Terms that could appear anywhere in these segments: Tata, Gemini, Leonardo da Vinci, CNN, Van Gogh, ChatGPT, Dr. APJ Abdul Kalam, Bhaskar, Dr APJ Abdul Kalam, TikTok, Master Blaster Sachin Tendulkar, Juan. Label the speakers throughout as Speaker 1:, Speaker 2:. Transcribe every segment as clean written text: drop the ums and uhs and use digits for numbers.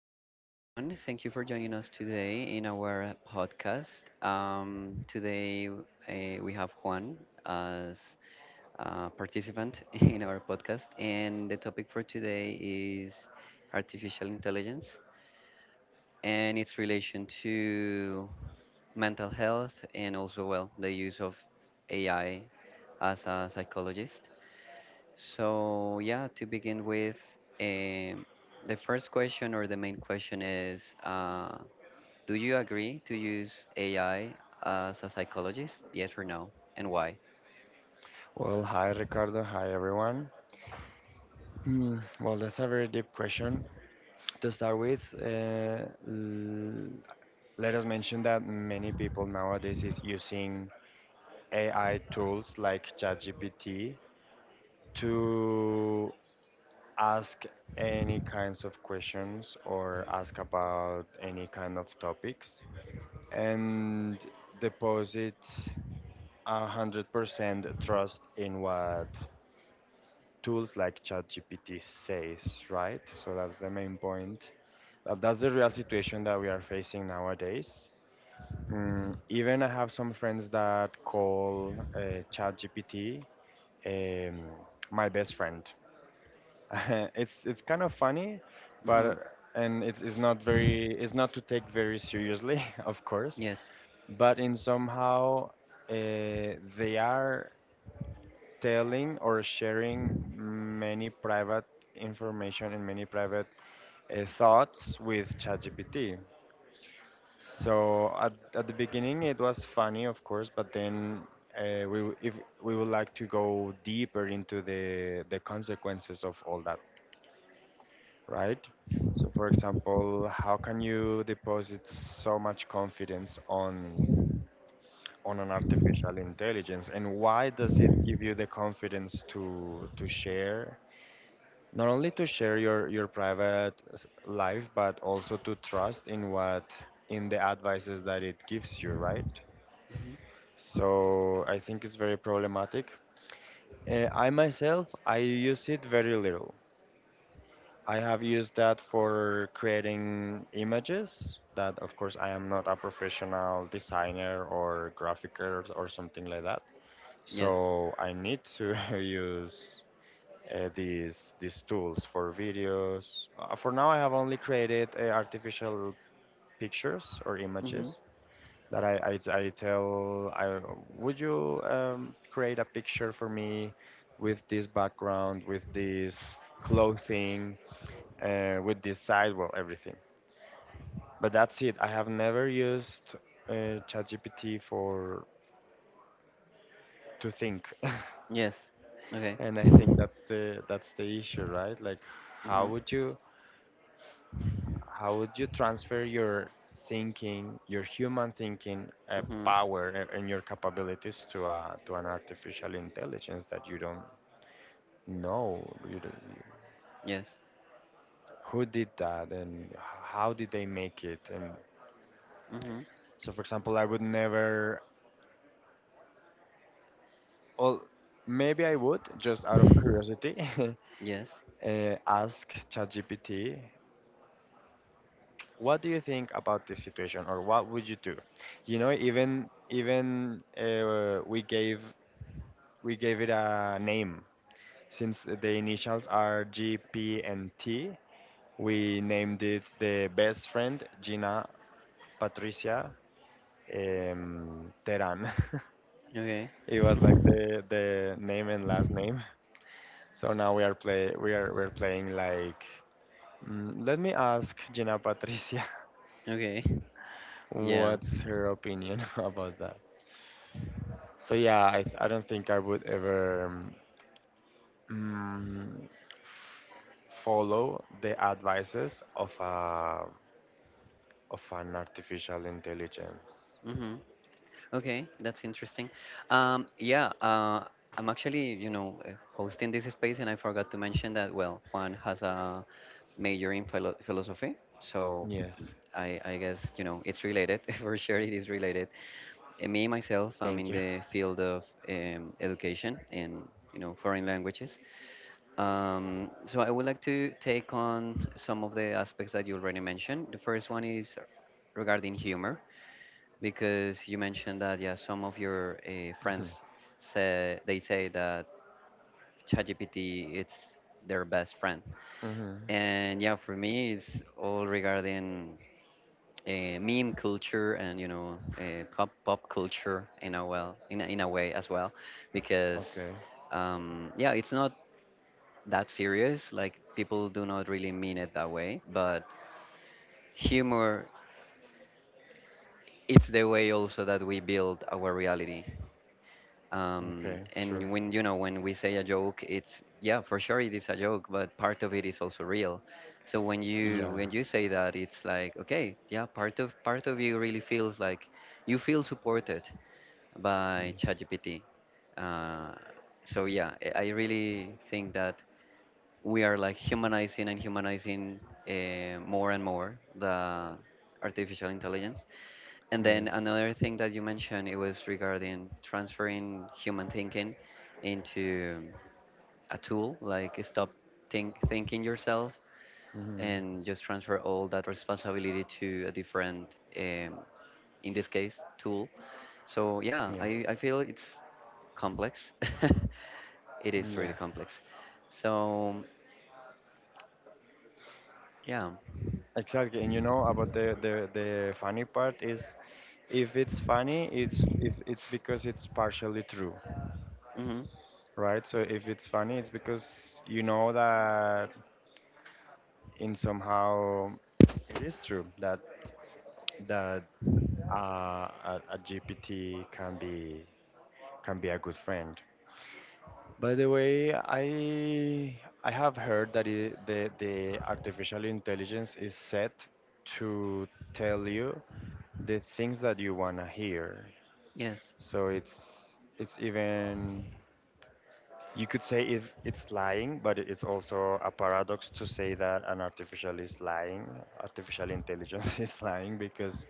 Speaker 1: hello everyone. Thank you for joining us today in our podcast. Today we have Juan as a participant in our podcast, and the topic for today is artificial intelligence and its relation to mental health and also, well, the use of AI as a psychologist. So, yeah, to begin with, um, the first question or the main question is do you agree to use AI as a psychologist? Yes or no? And why?
Speaker 2: Well, hi Ricardo. Hi everyone. Hmm. Well, that's a very deep question. To start with, let us mention that many people nowadays is using AI tools like ChatGPT to ask any kinds of questions or ask about any kind of topics and deposit 100% trust in what tools like ChatGPT says, right? So that's the main point. But that's the real situation that we are facing nowadays. Even I have some friends that call ChatGPT um, my best friend. It's kind of funny,
Speaker 1: Mm-hmm.
Speaker 2: but and it's not very it's not to take very seriously, of course.
Speaker 1: Yes.
Speaker 2: But in somehow uh, they are telling or sharing many private information and many private thoughts with ChatGPT. So at the beginning it was funny, of course, but then if we would like to go deeper into the consequences of all that, right? So for example, how can you deposit so much confidence on an artificial intelligence, and why does it give you the confidence to share not only to share your life, but also to trust in what in the advices that it gives you, right?
Speaker 1: Hmm.
Speaker 2: So I think it's very problematic. I myself I use it very little. I have used that for creating images that, of course, I am not a professional designer or graphicer or something like that,
Speaker 1: Yes.
Speaker 2: so I need to use these tools for videos. For now, I have only created artificial pictures or
Speaker 1: Hmm.
Speaker 2: images that I tell I would you create a picture for me with this background, with this clothing, with this size, well everything. But that's it. I have never used ChatGPT for to think.
Speaker 1: Yes. Okay.
Speaker 2: And I think that's the issue, right? Like, how
Speaker 1: Hmm.
Speaker 2: would you? How would you transfer your thinking, your human thinking
Speaker 1: Hmm.
Speaker 2: power, and your capabilities to an artificial intelligence that you don't know? You don't, you,
Speaker 1: Yes.
Speaker 2: who did that, and how did they make it? And
Speaker 1: Hmm.
Speaker 2: so, for example, I would never. Well, maybe I would just out of curiosity
Speaker 1: Yes.
Speaker 2: ask ChatGPT. What do you think about this situation, or what would you do? You know, even we gave it a name. Since the initials are G, P, and T, we named it the best friend, Gina Patricia Teran.
Speaker 1: Okay.
Speaker 2: It was like the name and last name. So now we are we're playing like. Let me ask Gina Patricia
Speaker 1: Okay. Yeah.
Speaker 2: what's her opinion about that. So yeah, I don't think I would ever mm, follow the advices of a of an artificial intelligence.
Speaker 1: Hmm. Okay, that's interesting. Yeah, I'm actually, hosting this space, and I forgot to mention that, well, Juan has a major in philosophy, so
Speaker 2: Yes.
Speaker 1: I guess, you know, it's related. For sure, it is related. And me, myself, I'm
Speaker 2: Thank
Speaker 1: in
Speaker 2: you.
Speaker 1: the field of education in, foreign languages. So I would like to take on some of the aspects that you already mentioned. The first one is regarding humor. Because you mentioned that, yeah, some of your friends say they say that ChatGPT it's their best friend,
Speaker 2: hmm
Speaker 1: and yeah, for me it's all regarding meme culture, and pop culture in a well, in a way as well, because
Speaker 2: Okay.
Speaker 1: yeah, it's not that serious. Like, people do not really mean it that way, but humor it's the way also that we build our reality.
Speaker 2: Okay. True.
Speaker 1: And when when we say a joke, it's, yeah, for sure it is a joke, but part of it is also real. So when you,
Speaker 2: Yeah.
Speaker 1: when you say that, it's like, okay, yeah, part of you really feels like you feel supported by ChatGPT. Uh, so yeah, I really think that we are like humanizing and humanizing more and more the artificial intelligence. And then
Speaker 2: Yes.
Speaker 1: another
Speaker 2: Yes.
Speaker 1: thing that you mentioned, it was regarding transferring human thinking into a tool, like stop thinking yourself
Speaker 2: hmm
Speaker 1: and just transfer all that responsibility to a different, in this case, tool. So yeah,
Speaker 2: Yes.
Speaker 1: I feel it's complex. It is really
Speaker 2: Yeah,
Speaker 1: complex. So yeah.
Speaker 2: exactly. And you know about the funny part is if it's funny, it's if it's because it's partially true,
Speaker 1: Mm-hmm.
Speaker 2: right? So if it's funny, it's because you know that in somehow it is true that that GPT can be a good friend. By the way, I have heard that it, the artificial intelligence is set to tell you the things that you want to hear.
Speaker 1: Yes.
Speaker 2: So it's even you could say if it's lying, but it's also a paradox to say that an artificial is lying, artificial intelligence is lying because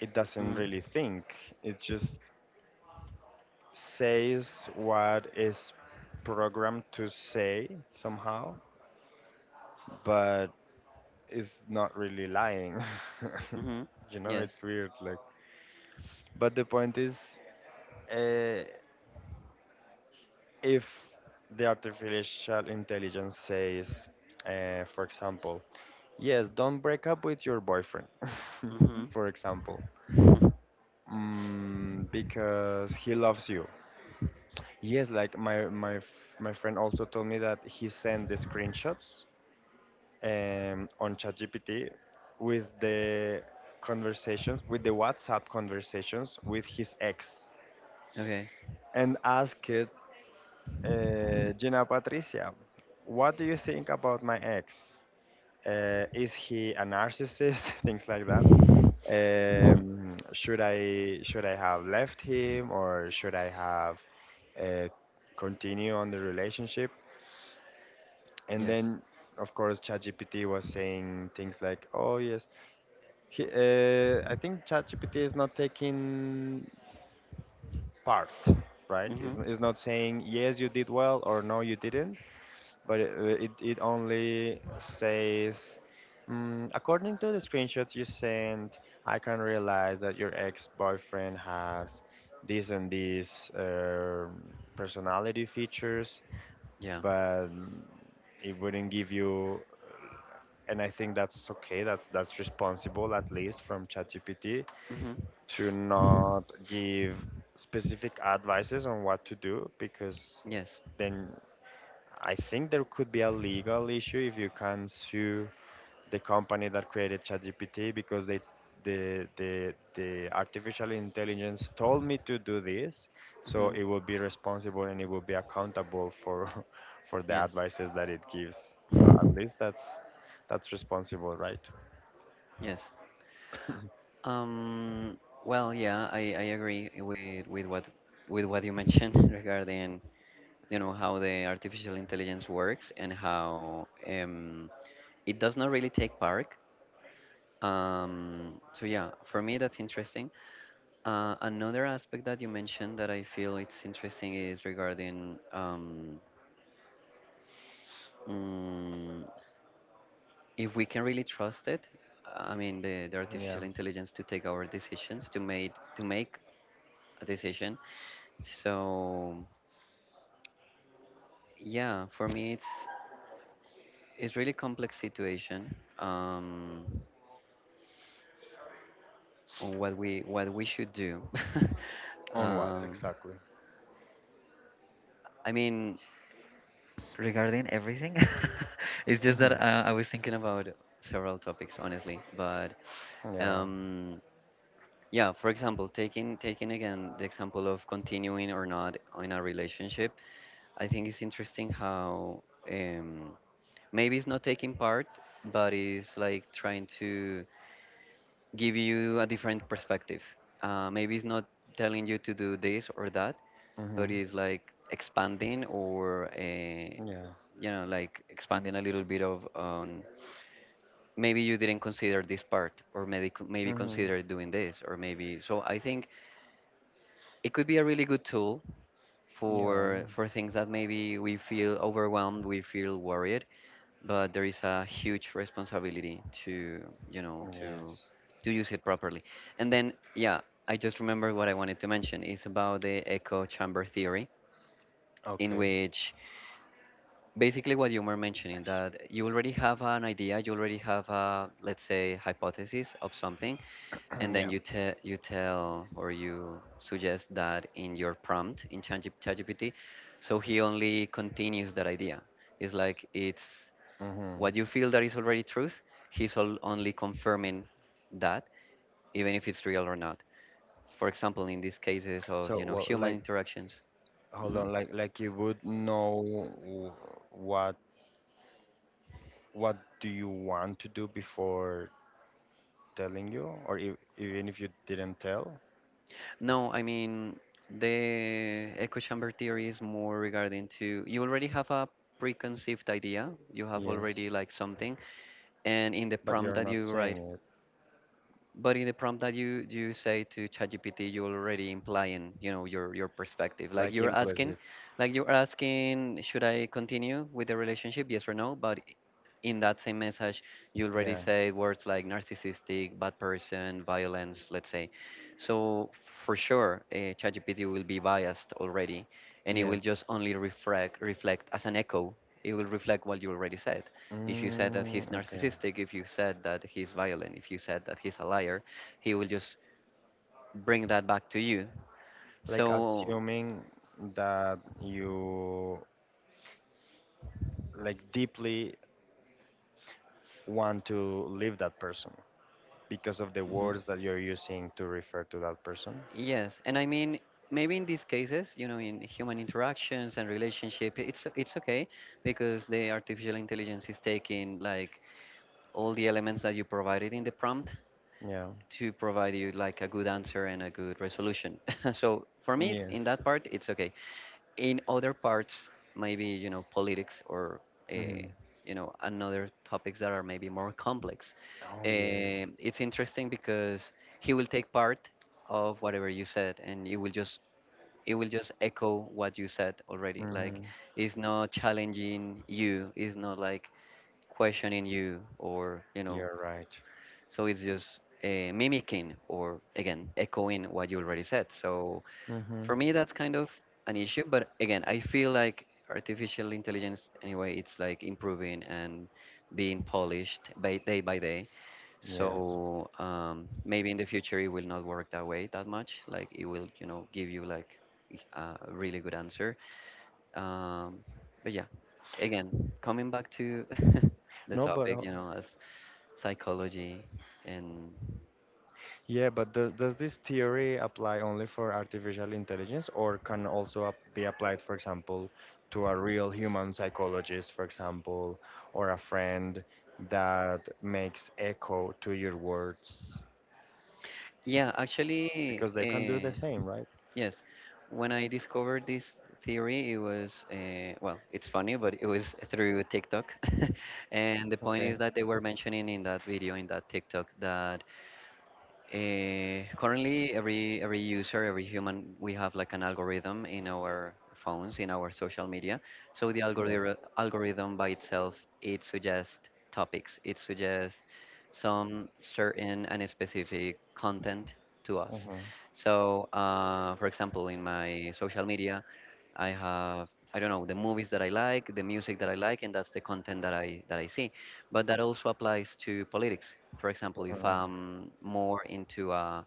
Speaker 2: it doesn't
Speaker 1: Mm-hmm.
Speaker 2: really think. It just says what is programmed to say somehow, but it's not really lying.
Speaker 1: Mm-hmm.
Speaker 2: You know, it's
Speaker 1: Yes.
Speaker 2: weird like but the point is uh, if the artificial intelligence says, for example, yes, don't break up with your boyfriend,
Speaker 1: Mm-hmm.
Speaker 2: for example, because he loves you. Yes, like my my friend also told me that he sent the screenshots on ChatGPT with the conversations, with the WhatsApp conversations with his ex,
Speaker 1: Okay.
Speaker 2: and asked Gina Patricia, what do you think about my ex? Is he a narcissist? Things like that. Should I have left him, or should I have uh, continue on the relationship? And
Speaker 1: Yes.
Speaker 2: then, of course, ChatGPT was saying things like, "Oh yes, he, I think ChatGPT is not taking part, right?
Speaker 1: Mm-hmm.
Speaker 2: It's not saying yes you did well or no you didn't, but it only says, according to the screenshots you sent, I can realize that your ex-boyfriend has these and these personality features,
Speaker 1: Yeah.
Speaker 2: but it wouldn't give you. And I think that's okay. That's responsible, at least from ChatGPT,
Speaker 1: Mm-hmm.
Speaker 2: to not give specific advices on what to do, because
Speaker 1: Yes.
Speaker 2: then I think there could be a legal issue if you can sue the company that created ChatGPT because they the artificial intelligence told me to do this, so
Speaker 1: Mm-hmm.
Speaker 2: it will be responsible and it will be accountable for for the
Speaker 1: Yes.
Speaker 2: advices that it gives. So at least that's responsible, right?
Speaker 1: Yes. Um. Well, yeah, I agree with what you mentioned regarding how the artificial intelligence works and how it does not really take part. So yeah, for me that's interesting. Another aspect that you mentioned that I feel it's interesting is regarding mm, if we can really trust it, I mean the
Speaker 2: Yeah.
Speaker 1: artificial intelligence to take our decisions, to make a decision. So yeah, for me it's really complex situation, on what we should do.
Speaker 2: On what
Speaker 1: um,
Speaker 2: exactly?
Speaker 1: I mean regarding everything. It's just that
Speaker 2: hmm
Speaker 1: I was thinking about several topics honestly, but
Speaker 2: Yeah.
Speaker 1: um, yeah, for example, taking again the example of continuing or not in a relationship, I think it's interesting how, um, maybe it's not taking part, but it's like trying to give you a different perspective. Maybe it's not telling you to do this or that,
Speaker 2: hmm
Speaker 1: but it's like expanding, or
Speaker 2: Yeah.
Speaker 1: like expanding a little bit of on, maybe you didn't consider this part, or maybe consider doing this, or maybe. So I think it could be a really good tool for things that maybe we feel overwhelmed, we feel worried, but there is a huge responsibility to, you know,
Speaker 2: Yes.
Speaker 1: to use it properly. And then, yeah, I just remember what I wanted to mention is about the echo chamber theory, in which basically what you were mentioning, that you already have an idea, you already have a, let's say, hypothesis of something, and then you tell or you suggest that in your prompt in ChatGPT, so he only continues that idea. It's like it's
Speaker 2: Mm-hmm.
Speaker 1: what you feel that is already truth. He's all only confirming that, even if it's real or not. For
Speaker 2: prompt
Speaker 1: example, in these cases of, human interactions.
Speaker 2: Hold
Speaker 1: Mhm.
Speaker 2: on, like you would know wh- what what do you want to do before telling you, or if, even if you didn't tell?
Speaker 1: No, I mean the echo chamber theory is more regarding to, you already have a preconceived idea. You have already like something, and in the
Speaker 2: But
Speaker 1: prompt
Speaker 2: you're
Speaker 1: that
Speaker 2: not
Speaker 1: you write,
Speaker 2: saying it
Speaker 1: but in the prompt that you say to ChatGPT, you're already implying, you know, your perspective,
Speaker 2: like implicit.
Speaker 1: like you're asking, should I continue with the relationship, yes or no, but in that same message you already
Speaker 2: Yeah.
Speaker 1: say words like narcissistic, bad person, violence, let's say. So for sure, ChatGPT will be biased already, and it
Speaker 2: Yes.
Speaker 1: will just only reflect as an echo. It will reflect what you already said. If you said that he's
Speaker 2: Mm, okay.
Speaker 1: narcissistic, if you said that he's violent, if you said that he's a liar, he will just bring that back to you.
Speaker 2: Like
Speaker 1: So,
Speaker 2: assuming that you like deeply want to leave that person because of the
Speaker 1: mhm.
Speaker 2: words that you're using to refer to that person.
Speaker 1: Yes, and I mean, maybe in these cases, you know, in human interactions and relationship, it's okay, because the artificial intelligence is taking like all the elements that you provided in the prompt
Speaker 2: Yeah.
Speaker 1: to provide you like a good answer and a good resolution. So for me,
Speaker 2: Yes.
Speaker 1: in that part, it's okay. In other parts, maybe, you know, politics, or, uh,
Speaker 2: Mhm.
Speaker 1: you know, another topics that are maybe more complex.
Speaker 2: Oh yes.
Speaker 1: It's interesting because he will take part of whatever you said, and it will just echo what you said already. Like,
Speaker 2: hmm
Speaker 1: it's not challenging you, it's not like questioning you, or, you know.
Speaker 2: You're right.
Speaker 1: So it's just mimicking, or again echoing what you already said. So
Speaker 2: hmm
Speaker 1: for me that's kind of an issue. But again, I feel like artificial intelligence anyway it's like improving and being polished by day by day.
Speaker 2: Yeah.
Speaker 1: So, maybe in the future it will not work that way that much, like it will, give you like a really good answer. um, but yeah, again, coming back to the
Speaker 2: No, but
Speaker 1: topic, as psychology. And
Speaker 2: yeah, but does this theory apply only for artificial intelligence, or can also ap be applied, for example, to a real human psychologist, for example, or a friend that makes echo to your words?
Speaker 1: yeah, actually,
Speaker 2: Because they can do the same, right?
Speaker 1: yes, when I discovered this theory, it was, well, it's funny, but it was through TikTok, and the point
Speaker 2: Okay.
Speaker 1: is that they were mentioning in that video, in that TikTok, that, currently, every user, every human, we have like an algorithm in our phones, in our social media. So the
Speaker 2: Yeah.
Speaker 1: algorithm by itself, it suggests topics, it suggests some certain and specific content to us.
Speaker 2: hmm
Speaker 1: So, for example, in my social media, I have, I don't know, the movies that I like, the music that I like, and that's the content that I see. But that also applies to politics. For example, if
Speaker 2: Uh-huh.
Speaker 1: I'm more into a,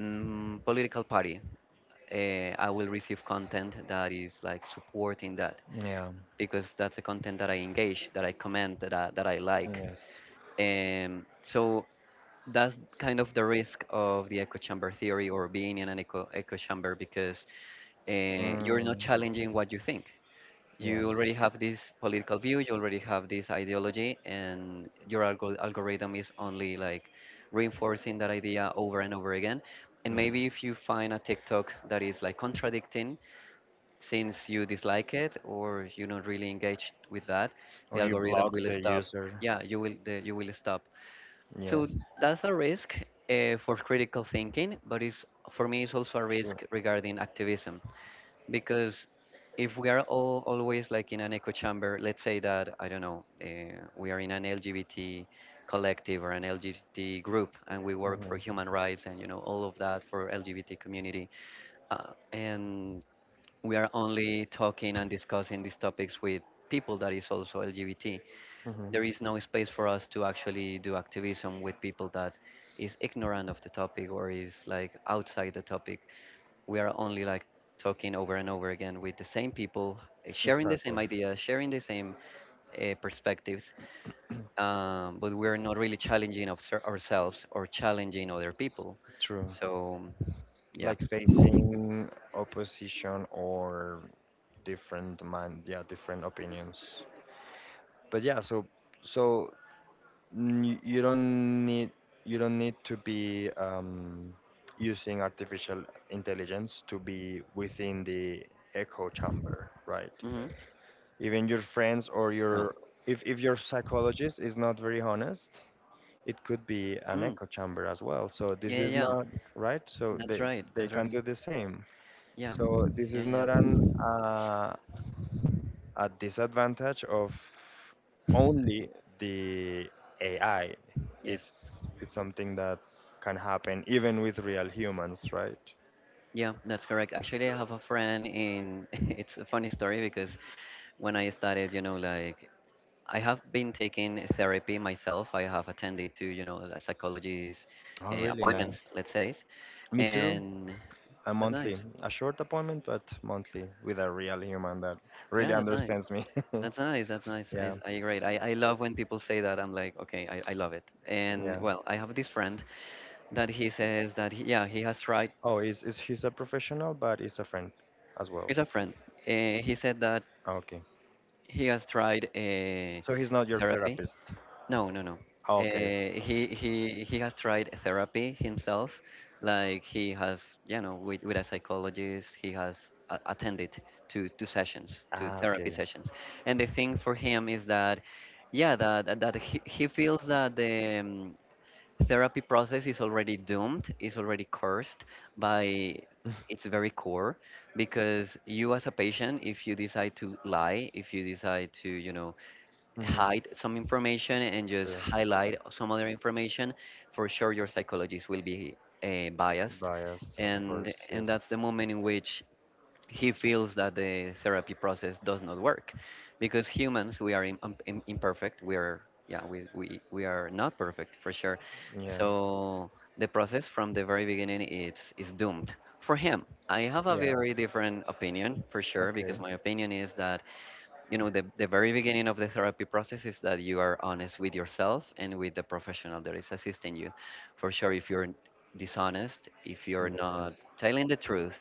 Speaker 1: political party, I will receive content that is like supporting that,
Speaker 2: Yeah.
Speaker 1: because that's the content that I engage, that I comment, that I like.
Speaker 2: Yes.
Speaker 1: So that's kind of the risk of the echo chamber theory, or being in an echo chamber, because, uh, you're
Speaker 2: Mm.
Speaker 1: not challenging what you think,
Speaker 2: Yeah.
Speaker 1: you already have this political view, you already have this ideology, and your algorithm is only like reinforcing that idea over and over again. And maybe
Speaker 2: Yes.
Speaker 1: if you find a TikTok that is like contradicting, since you dislike it or you're not really engaged with that, the
Speaker 2: Or you
Speaker 1: algorithm
Speaker 2: block
Speaker 1: will
Speaker 2: the
Speaker 1: stop.
Speaker 2: user.
Speaker 1: Yeah, you will, you will stop. So
Speaker 2: Yes.
Speaker 1: that's a risk for critical thinking, but it's, for me it's also a
Speaker 2: True.
Speaker 1: risk regarding activism, because if we are all always like in an echo chamber, let's say that, I don't know, we are in an LGBT collective or an LGBT group, and we work
Speaker 2: Mm-hmm.
Speaker 1: for human rights, and, you know, all of that for LGBT community. And we are only talking and discussing these topics with people that is also LGBT.
Speaker 2: Mm-hmm.
Speaker 1: There is no space for us to actually do activism with people that is ignorant of the topic, or is like outside the topic. We are only like talking over and over again with the same people, sharing the same
Speaker 2: Exactly.
Speaker 1: ideas, sharing the same perspectives. But we're not really challenging ourselves or challenging other people.
Speaker 2: True.
Speaker 1: So yeah.
Speaker 2: Like facing opposition or different mind, yeah, different opinions. But yeah, so so you don't need to be using artificial intelligence to be within the echo chamber, right?
Speaker 1: Hmm.
Speaker 2: Even your friends or
Speaker 1: No.
Speaker 2: your if your psychologist is not very honest, it could be an
Speaker 1: Mm.
Speaker 2: echo chamber as well. So this
Speaker 1: Yeah, yeah,
Speaker 2: is
Speaker 1: yeah.
Speaker 2: not right. So
Speaker 1: That's
Speaker 2: they
Speaker 1: right, that's
Speaker 2: can
Speaker 1: right.
Speaker 2: do the same.
Speaker 1: Yeah,
Speaker 2: So this is
Speaker 1: yeah,
Speaker 2: not
Speaker 1: yeah.
Speaker 2: an uh, a disadvantage of only the AI.
Speaker 1: Yes.
Speaker 2: It's something that can happen even with real humans, right?
Speaker 1: Yeah, that's correct. Actually, I have a friend in, it's a funny story because when I started, like I have been taking therapy myself. I have attended to, a psychologist
Speaker 2: Oh, really
Speaker 1: appointments,
Speaker 2: nice.
Speaker 1: let's say,
Speaker 2: Me too.
Speaker 1: and
Speaker 2: A
Speaker 1: that's
Speaker 2: monthly,
Speaker 1: nice.
Speaker 2: a short appointment, but monthly with a real human that really
Speaker 1: Yeah, that's nice.
Speaker 2: understands me.
Speaker 1: That's nice. That's nice. I,
Speaker 2: yeah,
Speaker 1: I agree. I love when people say that. I'm like, okay, I love it. And
Speaker 2: yeah.
Speaker 1: well, I have this friend that he says that, he, yeah, he has tried,
Speaker 2: Oh, is he's a professional, but he's a friend as well.
Speaker 1: he's a friend. He said that
Speaker 2: Ah, okay,
Speaker 1: he has tried
Speaker 2: so he's not your
Speaker 1: therapy.
Speaker 2: therapist.
Speaker 1: No, no, no.
Speaker 2: Ah,
Speaker 1: Uh,
Speaker 2: okay, it's-
Speaker 1: he he he has tried therapy himself. Like he has, you know, with a psychologist, he has attended to sessions, to
Speaker 2: ah,
Speaker 1: therapy
Speaker 2: okay.
Speaker 1: sessions. And the thing for him is that, yeah, he feels that the therapy process is already doomed, is already cursed by its very core, because you as a patient, if you decide to lie, if you decide to,
Speaker 2: Mhm.
Speaker 1: hide some information and just
Speaker 2: True.
Speaker 1: highlight some other information, for sure your psychologist will be biased,
Speaker 2: Biased, of course.
Speaker 1: and
Speaker 2: Yes.
Speaker 1: that's the moment in which he feels that the therapy process does not work, because humans we are imperfect. We are yeah we are not perfect for sure,
Speaker 2: Yeah.
Speaker 1: so the process from the very beginning is doomed for him. I have a
Speaker 2: Yeah.
Speaker 1: very different opinion for sure, because
Speaker 2: Okay.
Speaker 1: my opinion is that you know the very beginning of the therapy process is that you are honest with yourself and with the professional that is assisting you. For sure, if you're dishonest, if you're not
Speaker 2: Yes.
Speaker 1: telling the truth,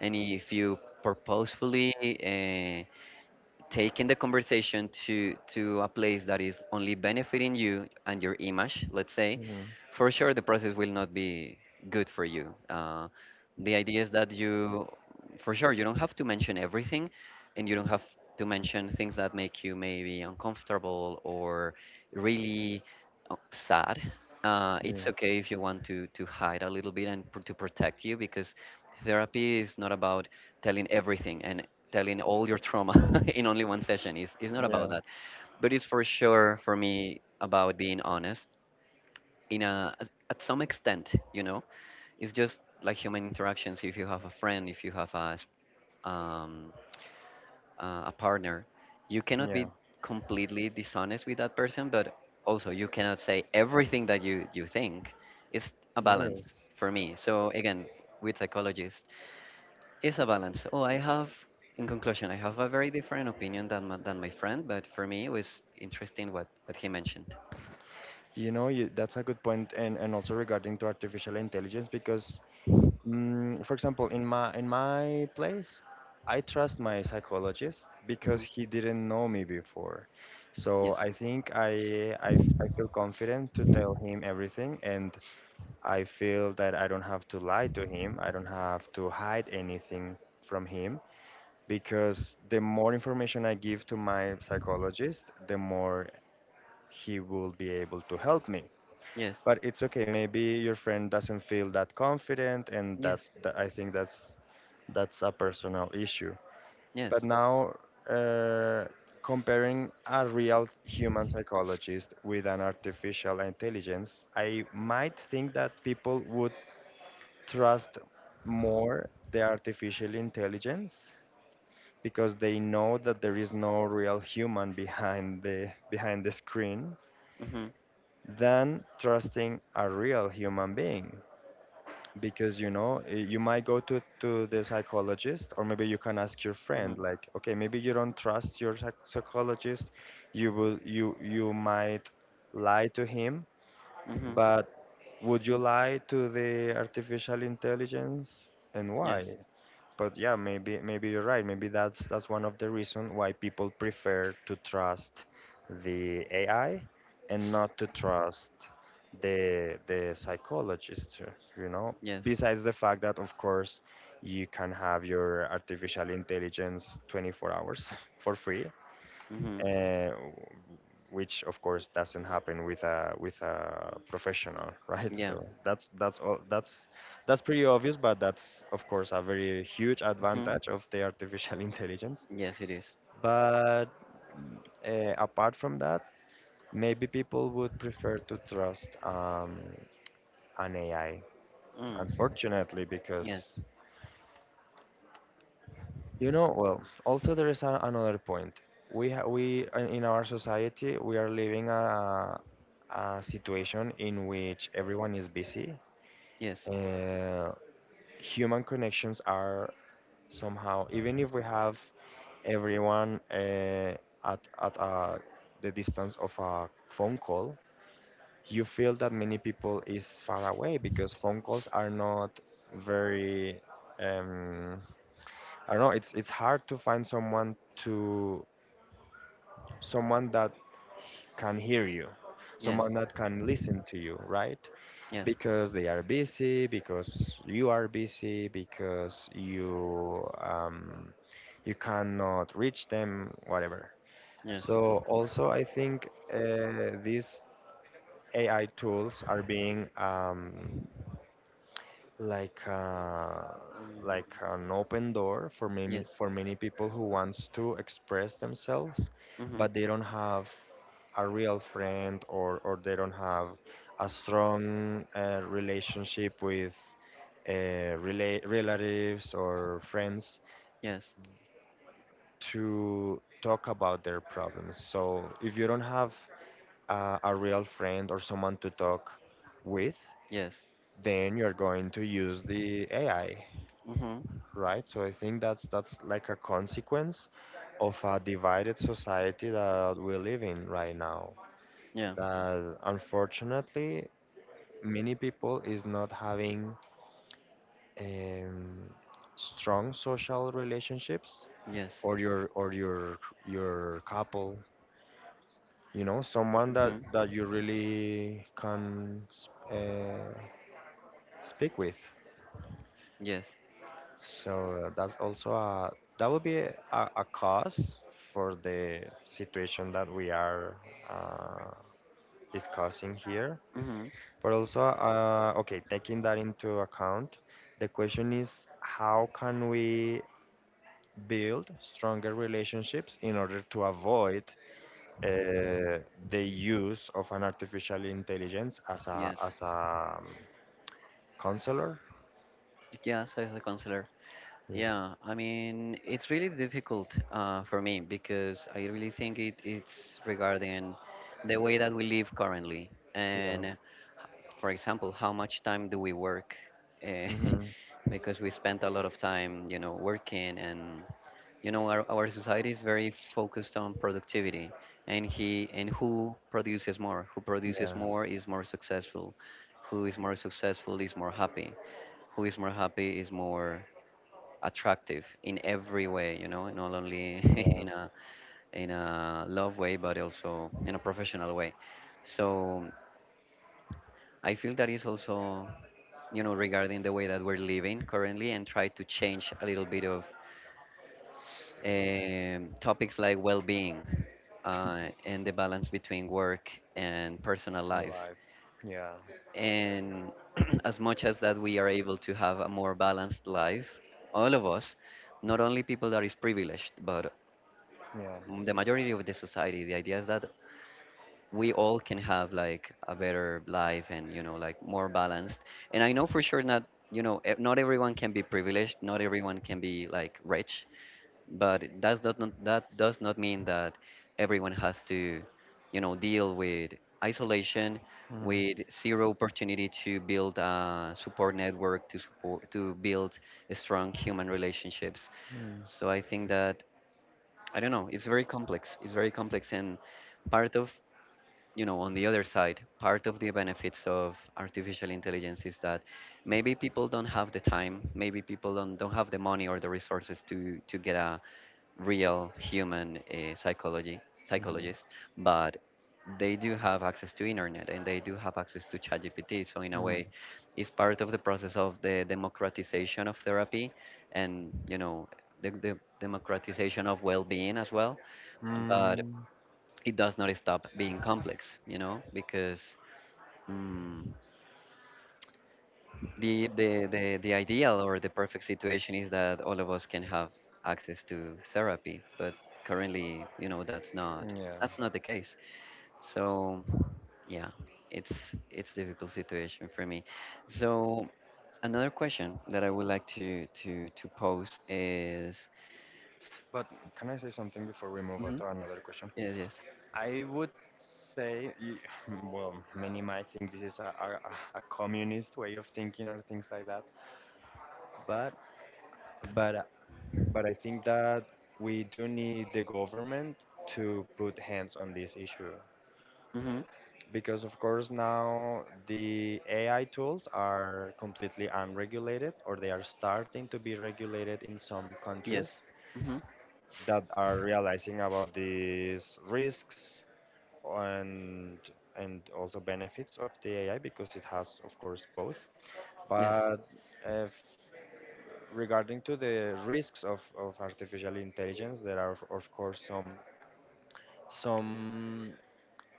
Speaker 1: and if you purposefully uh, taking the conversation to a place that is only benefiting you and your image, let's say,
Speaker 2: hmm
Speaker 1: for sure the process will not be good for you. The idea is that you, for sure, you don't have to mention everything, and you don't have to mention things that make you maybe uncomfortable or really oh, sad. It's
Speaker 2: Yeah.
Speaker 1: okay if you want to hide a little bit and to protect you, because therapy is not about telling everything and telling all your trauma in only one session. It's not
Speaker 2: Yeah.
Speaker 1: about that, but it's for sure for me about being honest in a at some extent, you know. It's just like human interactions. If you have a friend, if you have a um, a partner, you cannot be
Speaker 2: Yeah.
Speaker 1: completely dishonest with that person, but also you cannot say everything that you think. It's a balance
Speaker 2: Yes.
Speaker 1: for me. So again, with psychologists, it's a balance. Oh, I have, in conclusion, I have a very different opinion than my friend, but for me it was interesting what he mentioned.
Speaker 2: You know, you, that's a good point, and also regarding to artificial intelligence, because for example, in my place, I trust my psychologist
Speaker 1: Mhm.
Speaker 2: because he didn't know me before. So
Speaker 1: Yes,
Speaker 2: I think I feel confident to tell him everything, and I feel that I don't have to lie to him. I don't have to hide anything from him because the more information I give to my psychologist, the more he will be able to help me.
Speaker 1: yes,
Speaker 2: But it's okay. Maybe your friend doesn't feel that confident, and
Speaker 1: yes.
Speaker 2: that I think that's a personal issue. But
Speaker 1: Yes.
Speaker 2: now, uh, comparing a real human psychologist with an artificial intelligence, I might think that people would trust more the artificial intelligence because they know that there is no real human behind the screen
Speaker 1: Mhm.
Speaker 2: than trusting a real human being, because you know you might go to the psychologist, or maybe you can ask your
Speaker 1: Mhm.
Speaker 2: friend like, okay, maybe you don't trust your psychologist, you will you might lie to him,
Speaker 1: Mhm.
Speaker 2: but would you lie to the artificial intelligence, and why?
Speaker 1: Yes.
Speaker 2: But yeah, maybe maybe you're right. Maybe that's one of the reasons why people prefer to trust the AI and not to trust the psychologist, you know.
Speaker 1: Yes.
Speaker 2: Besides the fact that, of course, you can have your artificial intelligence 24 hours for free,
Speaker 1: Mhm.
Speaker 2: uh, which, of course, doesn't happen with a professional, right?
Speaker 1: Yeah.
Speaker 2: So that's all that's pretty obvious, but that's, of course, a very huge
Speaker 1: Mhm.
Speaker 2: advantage of the artificial intelligence.
Speaker 1: Yes, it is.
Speaker 2: But apart from that, maybe people would prefer to trust an AI,
Speaker 1: Mm.
Speaker 2: unfortunately, because
Speaker 1: Yes.
Speaker 2: You know, well, also there is a, another point. We in our society we are living a situation in which everyone is busy.
Speaker 1: Yes.
Speaker 2: Uh, Human connections are somehow, even if we have everyone at the distance of a phone call. You feel that many people is far away because phone calls are not very um, I don't know, it's hard to find someone to someone that can hear you,
Speaker 1: Yes.
Speaker 2: someone that can listen to you, right?
Speaker 1: Yeah.
Speaker 2: Because they are busy, because you are busy, because you you cannot reach them, whatever.
Speaker 1: Yes.
Speaker 2: So also, I think these AI tools are being like
Speaker 1: Mm.
Speaker 2: like an open door
Speaker 1: Yes.
Speaker 2: for many people who wants to express themselves,
Speaker 1: Mhm.
Speaker 2: but they don't have a real friend or they don't have a strong relationship with uh, relatives or friends
Speaker 1: Yes.
Speaker 2: to talk about their problems. So if you don't have a real friend or someone to talk with,
Speaker 1: Yes.
Speaker 2: then you're going to use the AI,
Speaker 1: Mhm.
Speaker 2: right? So I think that's like a consequence of a divided society that we live in right now.
Speaker 1: Yeah.
Speaker 2: That unfortunately many people is not having um, strong social relationships
Speaker 1: Yes.
Speaker 2: or your your couple, you know, someone that
Speaker 1: Mhm.
Speaker 2: that you really can speak with.
Speaker 1: Yes.
Speaker 2: So that's also a that would be a cause for the situation that we are uh, discussing here.
Speaker 1: Mhm.
Speaker 2: But also, okay, taking that into account, the question is how can we build stronger relationships in order to avoid uh, the use of an artificial intelligence as a
Speaker 1: Yes.
Speaker 2: as a counselor?
Speaker 1: Yes, as a counselor.
Speaker 2: Yes.
Speaker 1: Yeah, I mean, it's really difficult for me, because I really think it, it's regarding the way that we live currently.
Speaker 2: Yeah.
Speaker 1: And for example, how much time do we work? Eh,
Speaker 2: Hmm.
Speaker 1: because we spent a lot of time, you know, working. And you know our society is very focused on productivity, and he and who produces
Speaker 2: Yeah.
Speaker 1: more is more successful, who is more successful is more happy, who is more happy is more attractive in every way, you know, not only
Speaker 2: Yeah.
Speaker 1: in a in a love way, but also in a professional way. So I feel that is also, you know, regarding the way that we're living currently, and try to change a little bit of topics like well-being and the balance between work and personal life.
Speaker 2: Life. Yeah.
Speaker 1: And as much as that we are able to have a more balanced life, all of us, not only people that is privileged, but
Speaker 2: Yeah.
Speaker 1: the majority of the society, the idea is that we all can have like a better life and you know like more balanced. And I know for sure not, you know, not everyone can be privileged, not everyone can be like rich, but that does not mean that everyone has to, you know, deal with isolation,
Speaker 2: Mm-hmm.
Speaker 1: with zero opportunity to build a support network, to support to build strong human relationships.
Speaker 2: Mm-hmm.
Speaker 1: So I think that I don't know. It's very complex. It's very complex, and part of, you know, on the other side, part of the benefits of artificial intelligence is that maybe people don't have the time, maybe people don't have the money or the resources to get a real human psychology
Speaker 2: Mm-hmm.
Speaker 1: psychologist, but they do have access to internet and they do have access to ChatGPT. So in a way, it's part of the process of the democratization of therapy, and you know the democratization of well-being as well.
Speaker 2: Mm-hmm.
Speaker 1: But
Speaker 2: Mm-hmm.
Speaker 1: it does not stop being complex, you know, because mm, the ideal or the perfect situation is that all of us can have access to therapy, but currently, you know, that's not,
Speaker 2: Yeah.
Speaker 1: that's not the case. So, yeah, it's it's difficult situation for me. So another question that I would like to pose is,
Speaker 2: But can I say something before we move on
Speaker 1: Mhm.
Speaker 2: to another question?
Speaker 1: Yes, yes.
Speaker 2: I would say, well, many might think this is a communist way of thinking or things like that, but but but I think that we do need the government to put hands on this issue
Speaker 1: Hmm.
Speaker 2: because, of course, now the AI tools are completely unregulated or they are starting to be regulated in some
Speaker 1: Yes.
Speaker 2: countries
Speaker 1: Hmm.
Speaker 2: that are realizing about these risks and and also benefits of the AI because it has, of course, both.
Speaker 1: Yes.
Speaker 2: But if regarding to the risks of artificial intelligence, there are, of course, some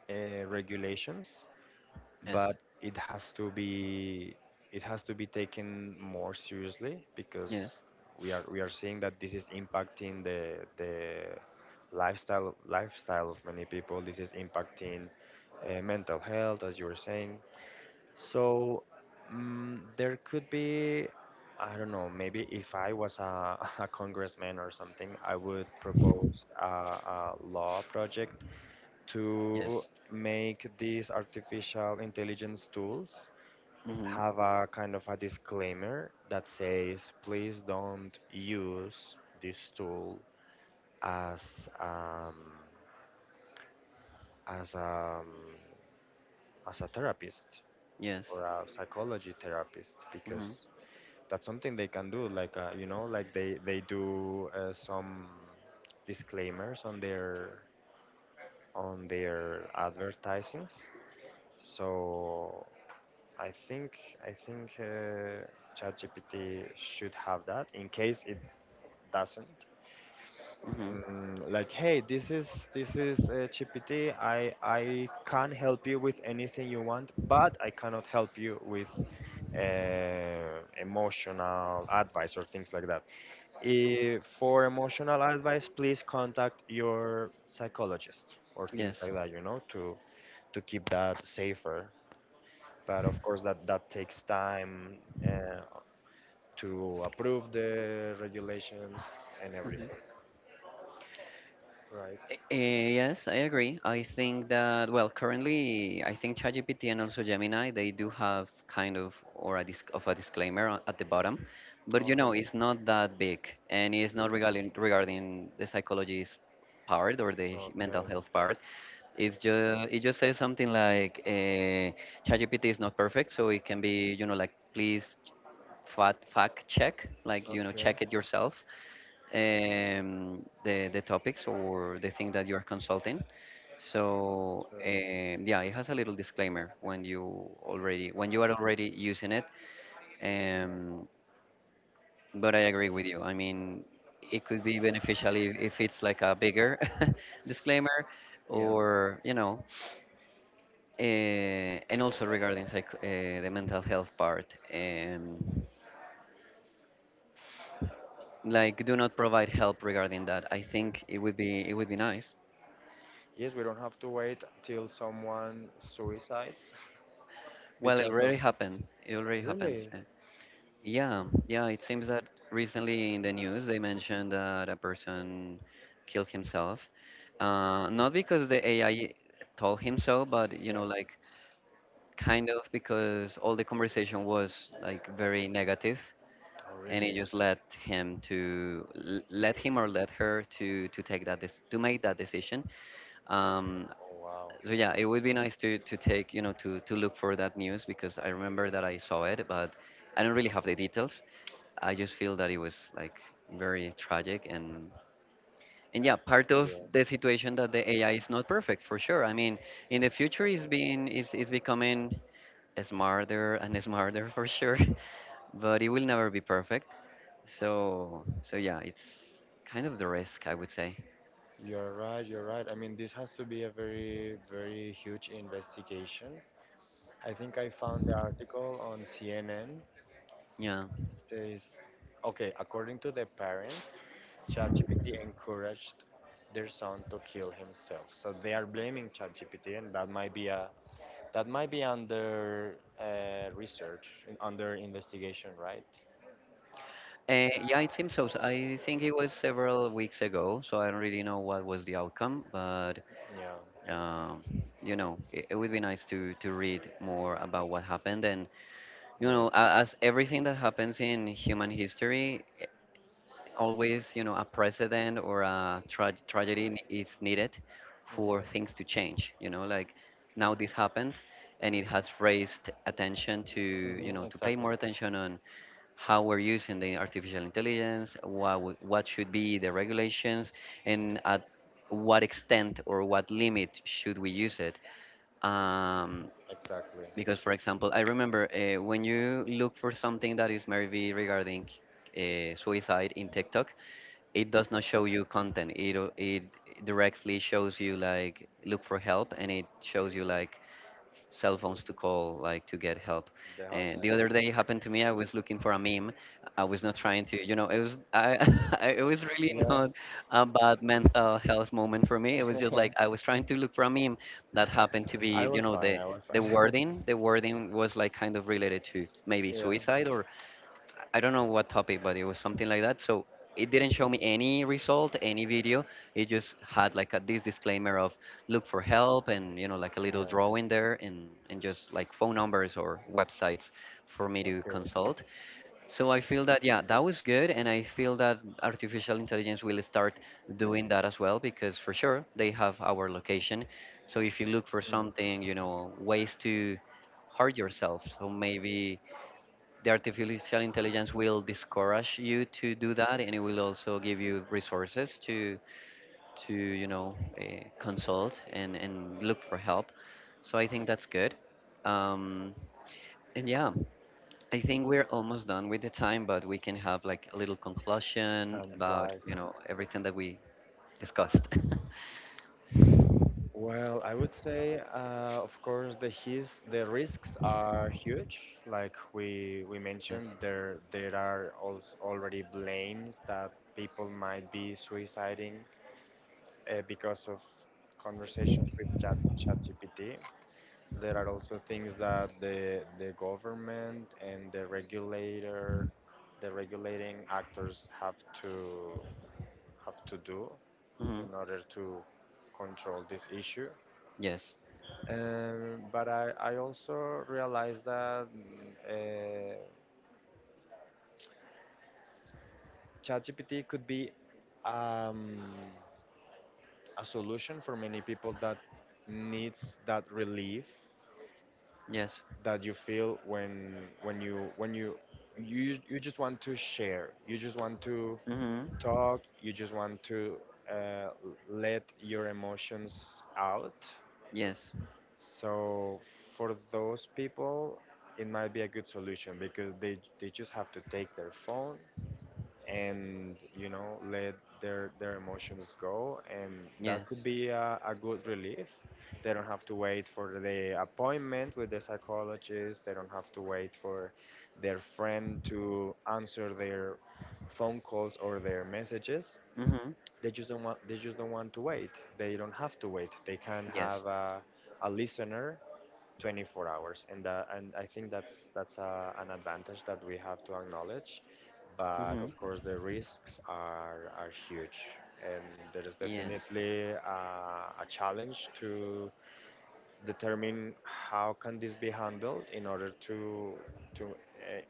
Speaker 2: regulations,
Speaker 1: Yes.
Speaker 2: but it has to be it has to be taken more seriously because
Speaker 1: Yes.
Speaker 2: we are seeing that this is impacting the lifestyle of many people. This is impacting mental health, as you were saying. So there could be I don't know. Maybe if I was a, a congressman or something, I would propose a law project to
Speaker 1: Yes.
Speaker 2: make these artificial intelligence tools
Speaker 1: Hmm.
Speaker 2: have a kind of a disclaimer that says please don't use this tool as um, as um, as a therapist
Speaker 1: Yes.
Speaker 2: or a psychology therapist
Speaker 1: Hmm.
Speaker 2: because that's something they can do like you know like they do some disclaimers on their advertisings. So I think I think ChatGPT should have that. In case it doesn't,
Speaker 1: Hmm.
Speaker 2: like, hey, this is GPT. I can help you with anything you want, but I cannot help you with emotional advice or things like that. Eh, for emotional advice, please contact your psychologist or things
Speaker 1: Yes.
Speaker 2: like that. You know, to keep that safer. But of course, that that takes time. Uh, to approve the regulations and everything,
Speaker 1: Hmm.
Speaker 2: right?
Speaker 1: Eh, yes, I agree. I think that, well, currently, I think ChatGPT and also Gemini, they do have kind of or a disc of a disclaimer on- at the bottom, but
Speaker 2: Oh,
Speaker 1: you know,
Speaker 2: really?
Speaker 1: it's not that big, and it's not regarding the psychology's part or the mental
Speaker 2: Okay,
Speaker 1: health part. It just says something like, ChatGPT is not perfect, so it can be, you know, like please fact check, like you know,
Speaker 2: okay.
Speaker 1: check it yourself. The topics or the thing that you are consulting. So
Speaker 2: True.
Speaker 1: yeah, it has a little disclaimer when you already when you are already using it. Um, but I agree
Speaker 2: Okay.
Speaker 1: with you. I mean, it could be beneficial if it's like a bigger disclaimer,
Speaker 2: Yeah.
Speaker 1: or you know, and also regarding the mental health part. Like do not provide help regarding that. I think it would be nice.
Speaker 2: Yes, we don't have to wait till someone suicides
Speaker 1: Well, it
Speaker 2: because of.
Speaker 1: already happened. It already happens.
Speaker 2: Really?
Speaker 1: Uh, yeah, yeah. It seems that recently in the news they mentioned that a person killed himself, not because the AI told him so, but you
Speaker 2: Yeah.
Speaker 1: know, like kind of because all the conversation was like very negative,
Speaker 2: Oh,
Speaker 1: and it
Speaker 2: really?
Speaker 1: just led him to let him or let her to take that to make that decision. Um,
Speaker 2: Oh, wow.
Speaker 1: so yeah, it would be nice to take you know to look for that news, because I remember that I saw it, but I don't really have the details. I just feel that it was like very tragic, and yeah, part of the
Speaker 2: Yes.
Speaker 1: situation that the AI is not perfect for sure. I mean, in the future, it's being is becoming smarter and smarter for sure, but it will never be perfect. So so yeah, it's kind of the risk, I would say.
Speaker 2: You're right. You're right. I mean, this has to be a very, very huge investigation. I think I found the article on CNN,
Speaker 1: Yeah.
Speaker 2: says, okay, according to the parents, ChatGPT encouraged their son to kill himself. So they are blaming ChatGPT, and that might be a that might be under research, under investigation, right?
Speaker 1: Yeah, it seems so. So I think it was several weeks ago, so I don't really know what was the outcome, but
Speaker 2: Yeah.
Speaker 1: um, you know, it would be nice to read more about what happened. And you know,
Speaker 2: Yes.
Speaker 1: as everything that happens in human history, eh, always you know a precedent or a tragedy is needed for things
Speaker 2: Mm-hmm.
Speaker 1: to change. You know, like now this happened, and it has raised attention to you
Speaker 2: Mm-hmm.
Speaker 1: know to pay
Speaker 2: Exactly.
Speaker 1: more attention on how we're using the artificial intelligence, what, what should be the regulations, and at what extent or what limit should we use it. Um,
Speaker 2: Exactly.
Speaker 1: because, for example, I remember when you look for something that is maybe regarding suicide in TikTok, it does not show you content. It, it directly shows you like look for help, and it shows you like cell phones to call like to get help.
Speaker 2: The
Speaker 1: And the other day
Speaker 2: hotlines.
Speaker 1: it happened to me. I was looking for a meme. I was not trying to, you know, it was I, I it was really
Speaker 2: Yeah.
Speaker 1: not a bad mental health moment for me. It was just like I was trying to look for a meme that happened to
Speaker 2: I
Speaker 1: be, you
Speaker 2: was
Speaker 1: know,
Speaker 2: fine. I was
Speaker 1: the
Speaker 2: fine.
Speaker 1: wording. The wording was like kind of related to maybe
Speaker 2: Yeah.
Speaker 1: suicide or I don't know what topic, but it was something like that. So it didn't show me any result, any video. It just had like a, this disclaimer of look for help, and you know like a little
Speaker 2: Yeah.
Speaker 1: drawing there, and just like phone numbers or websites for me to
Speaker 2: Okay.
Speaker 1: consult. So I feel that yeah, that was good, and I feel that artificial intelligence will start doing that as well, because for sure they have our location. So if you look for
Speaker 2: Mm.
Speaker 1: something, you know, ways to hurt yourself, so maybe the artificial intelligence will discourage you to do that, and it will also give you resources to you know consult and look for help. So I think that's good. um and yeah, I think we're almost done with the time, but we can have like a little conclusion
Speaker 2: Time
Speaker 1: about
Speaker 2: flies.
Speaker 1: you know everything that we discussed.
Speaker 2: Well, I would say, of course, the his the risks are huge. Like we
Speaker 1: Yes.
Speaker 2: mentioned, there are also already blames that people might be suiciding because of conversations with Chat ChatGPT. There are also things that the government and the regulator, the regulating actors to have to do
Speaker 1: Hmm.
Speaker 2: in order to control this issue.
Speaker 1: Yes.
Speaker 2: But I also realized that uh, ChatGPT could be um, a solution for many people that needs that relief
Speaker 1: Yes.
Speaker 2: that you feel when you just want to share you just want to
Speaker 1: Hmm.
Speaker 2: talk you just want to uh, let your emotions out.
Speaker 1: Yes.
Speaker 2: So for those people it might be a good solution because they just have to take their phone and you know let their emotions go, and that
Speaker 1: Yes.
Speaker 2: could be a good relief. They don't have to wait for the appointment with the psychologist, they don't have to wait for their friend to answer their phone calls or their messages.
Speaker 1: Hmm.
Speaker 2: They just don't want they just don't want to wait, they don't have to wait, they can
Speaker 1: Yes.
Speaker 2: have a listener 24 hours. And and I think that's an advantage that we have to acknowledge, but
Speaker 1: Hmm.
Speaker 2: of course the risks are huge, and there is
Speaker 1: Yes.
Speaker 2: definitely a challenge to determine how can this be handled in order to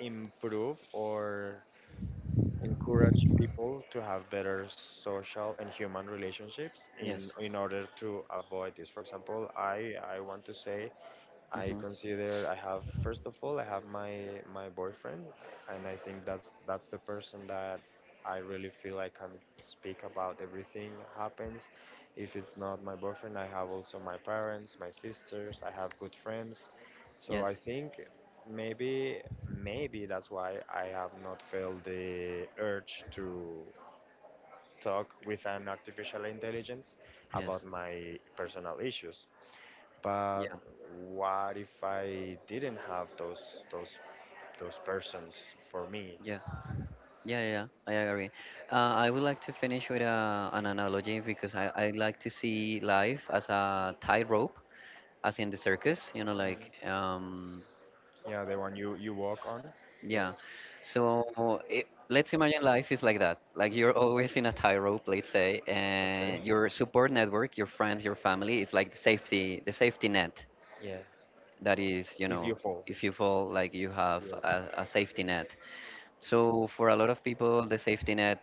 Speaker 2: improve or encourage people to have better social and human relationships
Speaker 1: Yes.
Speaker 2: in order to avoid this. For example, I want to say I
Speaker 1: Hmm.
Speaker 2: consider I have first of all I have my my boyfriend, and I think that's the person that I really feel I can speak about everything happens. If it's not my boyfriend, I have also my parents, my sisters. I have good friends, so
Speaker 1: Yes,
Speaker 2: I think maybe maybe that's why I have not felt the urge to talk with an artificial intelligence about
Speaker 1: yes,
Speaker 2: my personal issues. But
Speaker 1: yeah,
Speaker 2: what if I didn't have those persons for me?
Speaker 1: yeah, yeah, yeah. Yeah. I agree. I would like to finish with a, an analogy because I like to see life as a tightrope, as in the circus, you know,
Speaker 2: Mm.
Speaker 1: like,
Speaker 2: Yeah, the one you you walk on.
Speaker 1: yeah.
Speaker 2: Yes.
Speaker 1: So it, let's imagine life is like that. Like you're always in a tightrope, let's say,
Speaker 2: Okay.
Speaker 1: and your support network, your friends, your family, it's like the safety net
Speaker 2: Yeah.
Speaker 1: that is, you
Speaker 2: If you
Speaker 1: know,
Speaker 2: fall.
Speaker 1: if you fall, like you have
Speaker 2: Yes.
Speaker 1: a safety net. So for a lot of people, the safety net,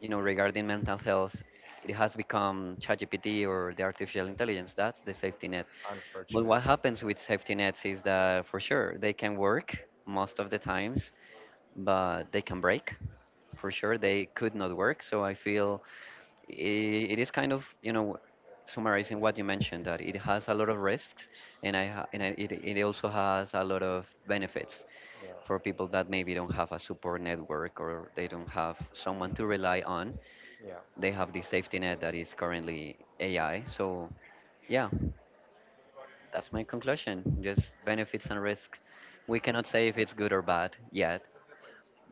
Speaker 1: you know, regarding mental health, it has become ChatGPT or the artificial intelligence. That's the safety net. But what
Speaker 2: Unfortunate.
Speaker 1: happens with safety nets is that for sure they can work most of the times, but they can break. For sure they could not work. So I feel it is kind of you know summarizing what you mentioned, that it has a lot of risks, and I, it also has a lot of benefits
Speaker 2: Yeah.
Speaker 1: for people that maybe don't have a support network, or they don't have someone to rely on.
Speaker 2: Yeah.
Speaker 1: They have the safety net that is currently AI. So yeah, that's my conclusion. Just benefits and risk. We cannot say if it's good or bad yet,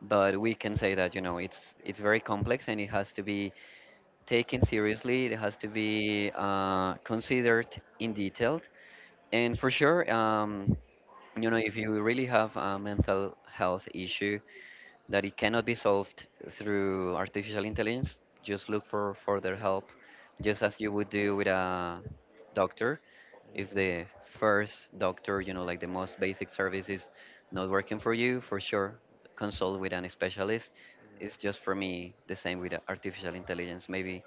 Speaker 1: but we can say that you know it's very complex, and it has to be taken seriously. It has to be considered in detail. And for sure, you know, if you really have a mental health issue that it cannot be solved through artificial intelligence, just look for further help, just as you would do with a doctor.
Speaker 2: Mhm.
Speaker 1: If the first doctor, you know, like the most basic service is not working for you, for sure, consult with an specialist.
Speaker 2: Mhm.
Speaker 1: It's just for me the same with artificial intelligence. Maybe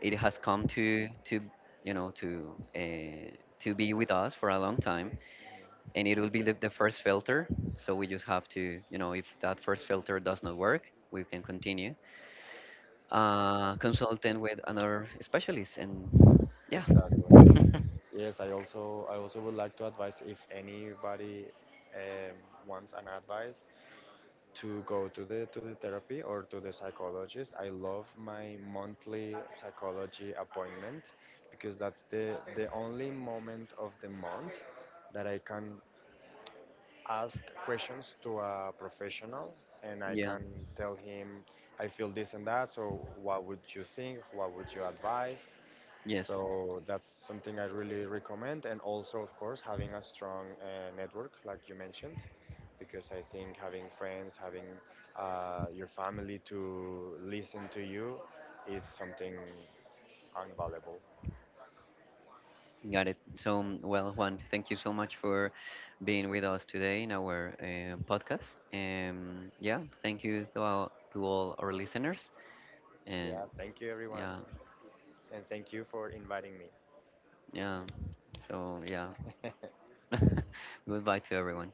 Speaker 1: it has come to you know to be with us for a long time, and it will be the first filter. So we just have to you know if that first filter does not work, we can continue consulting with another specialist, and yeah,
Speaker 2: Exactly. Yes, I also would like to advise if anybody um, wants an advice, to go to the therapy or to the psychologist. I love my monthly psychology appointment because that's the only moment of the month that I can ask questions to a professional, and I
Speaker 1: yeah,
Speaker 2: can tell him I feel this and that, so what would you think? What would you advise?
Speaker 1: yes,
Speaker 2: So that's something I really recommend, and also of course having a strong network like you mentioned, because I think having friends, having your family to listen to you is something unvaluable.
Speaker 1: got it. So well, Juan, thank you so much for being with us today in our podcast. Yeah, thank you to all our listeners, and
Speaker 2: Yeah, thank you everyone.
Speaker 1: yeah,
Speaker 2: And thank you for inviting me.
Speaker 1: yeah. So yeah. Goodbye to everyone.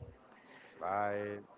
Speaker 2: Bye.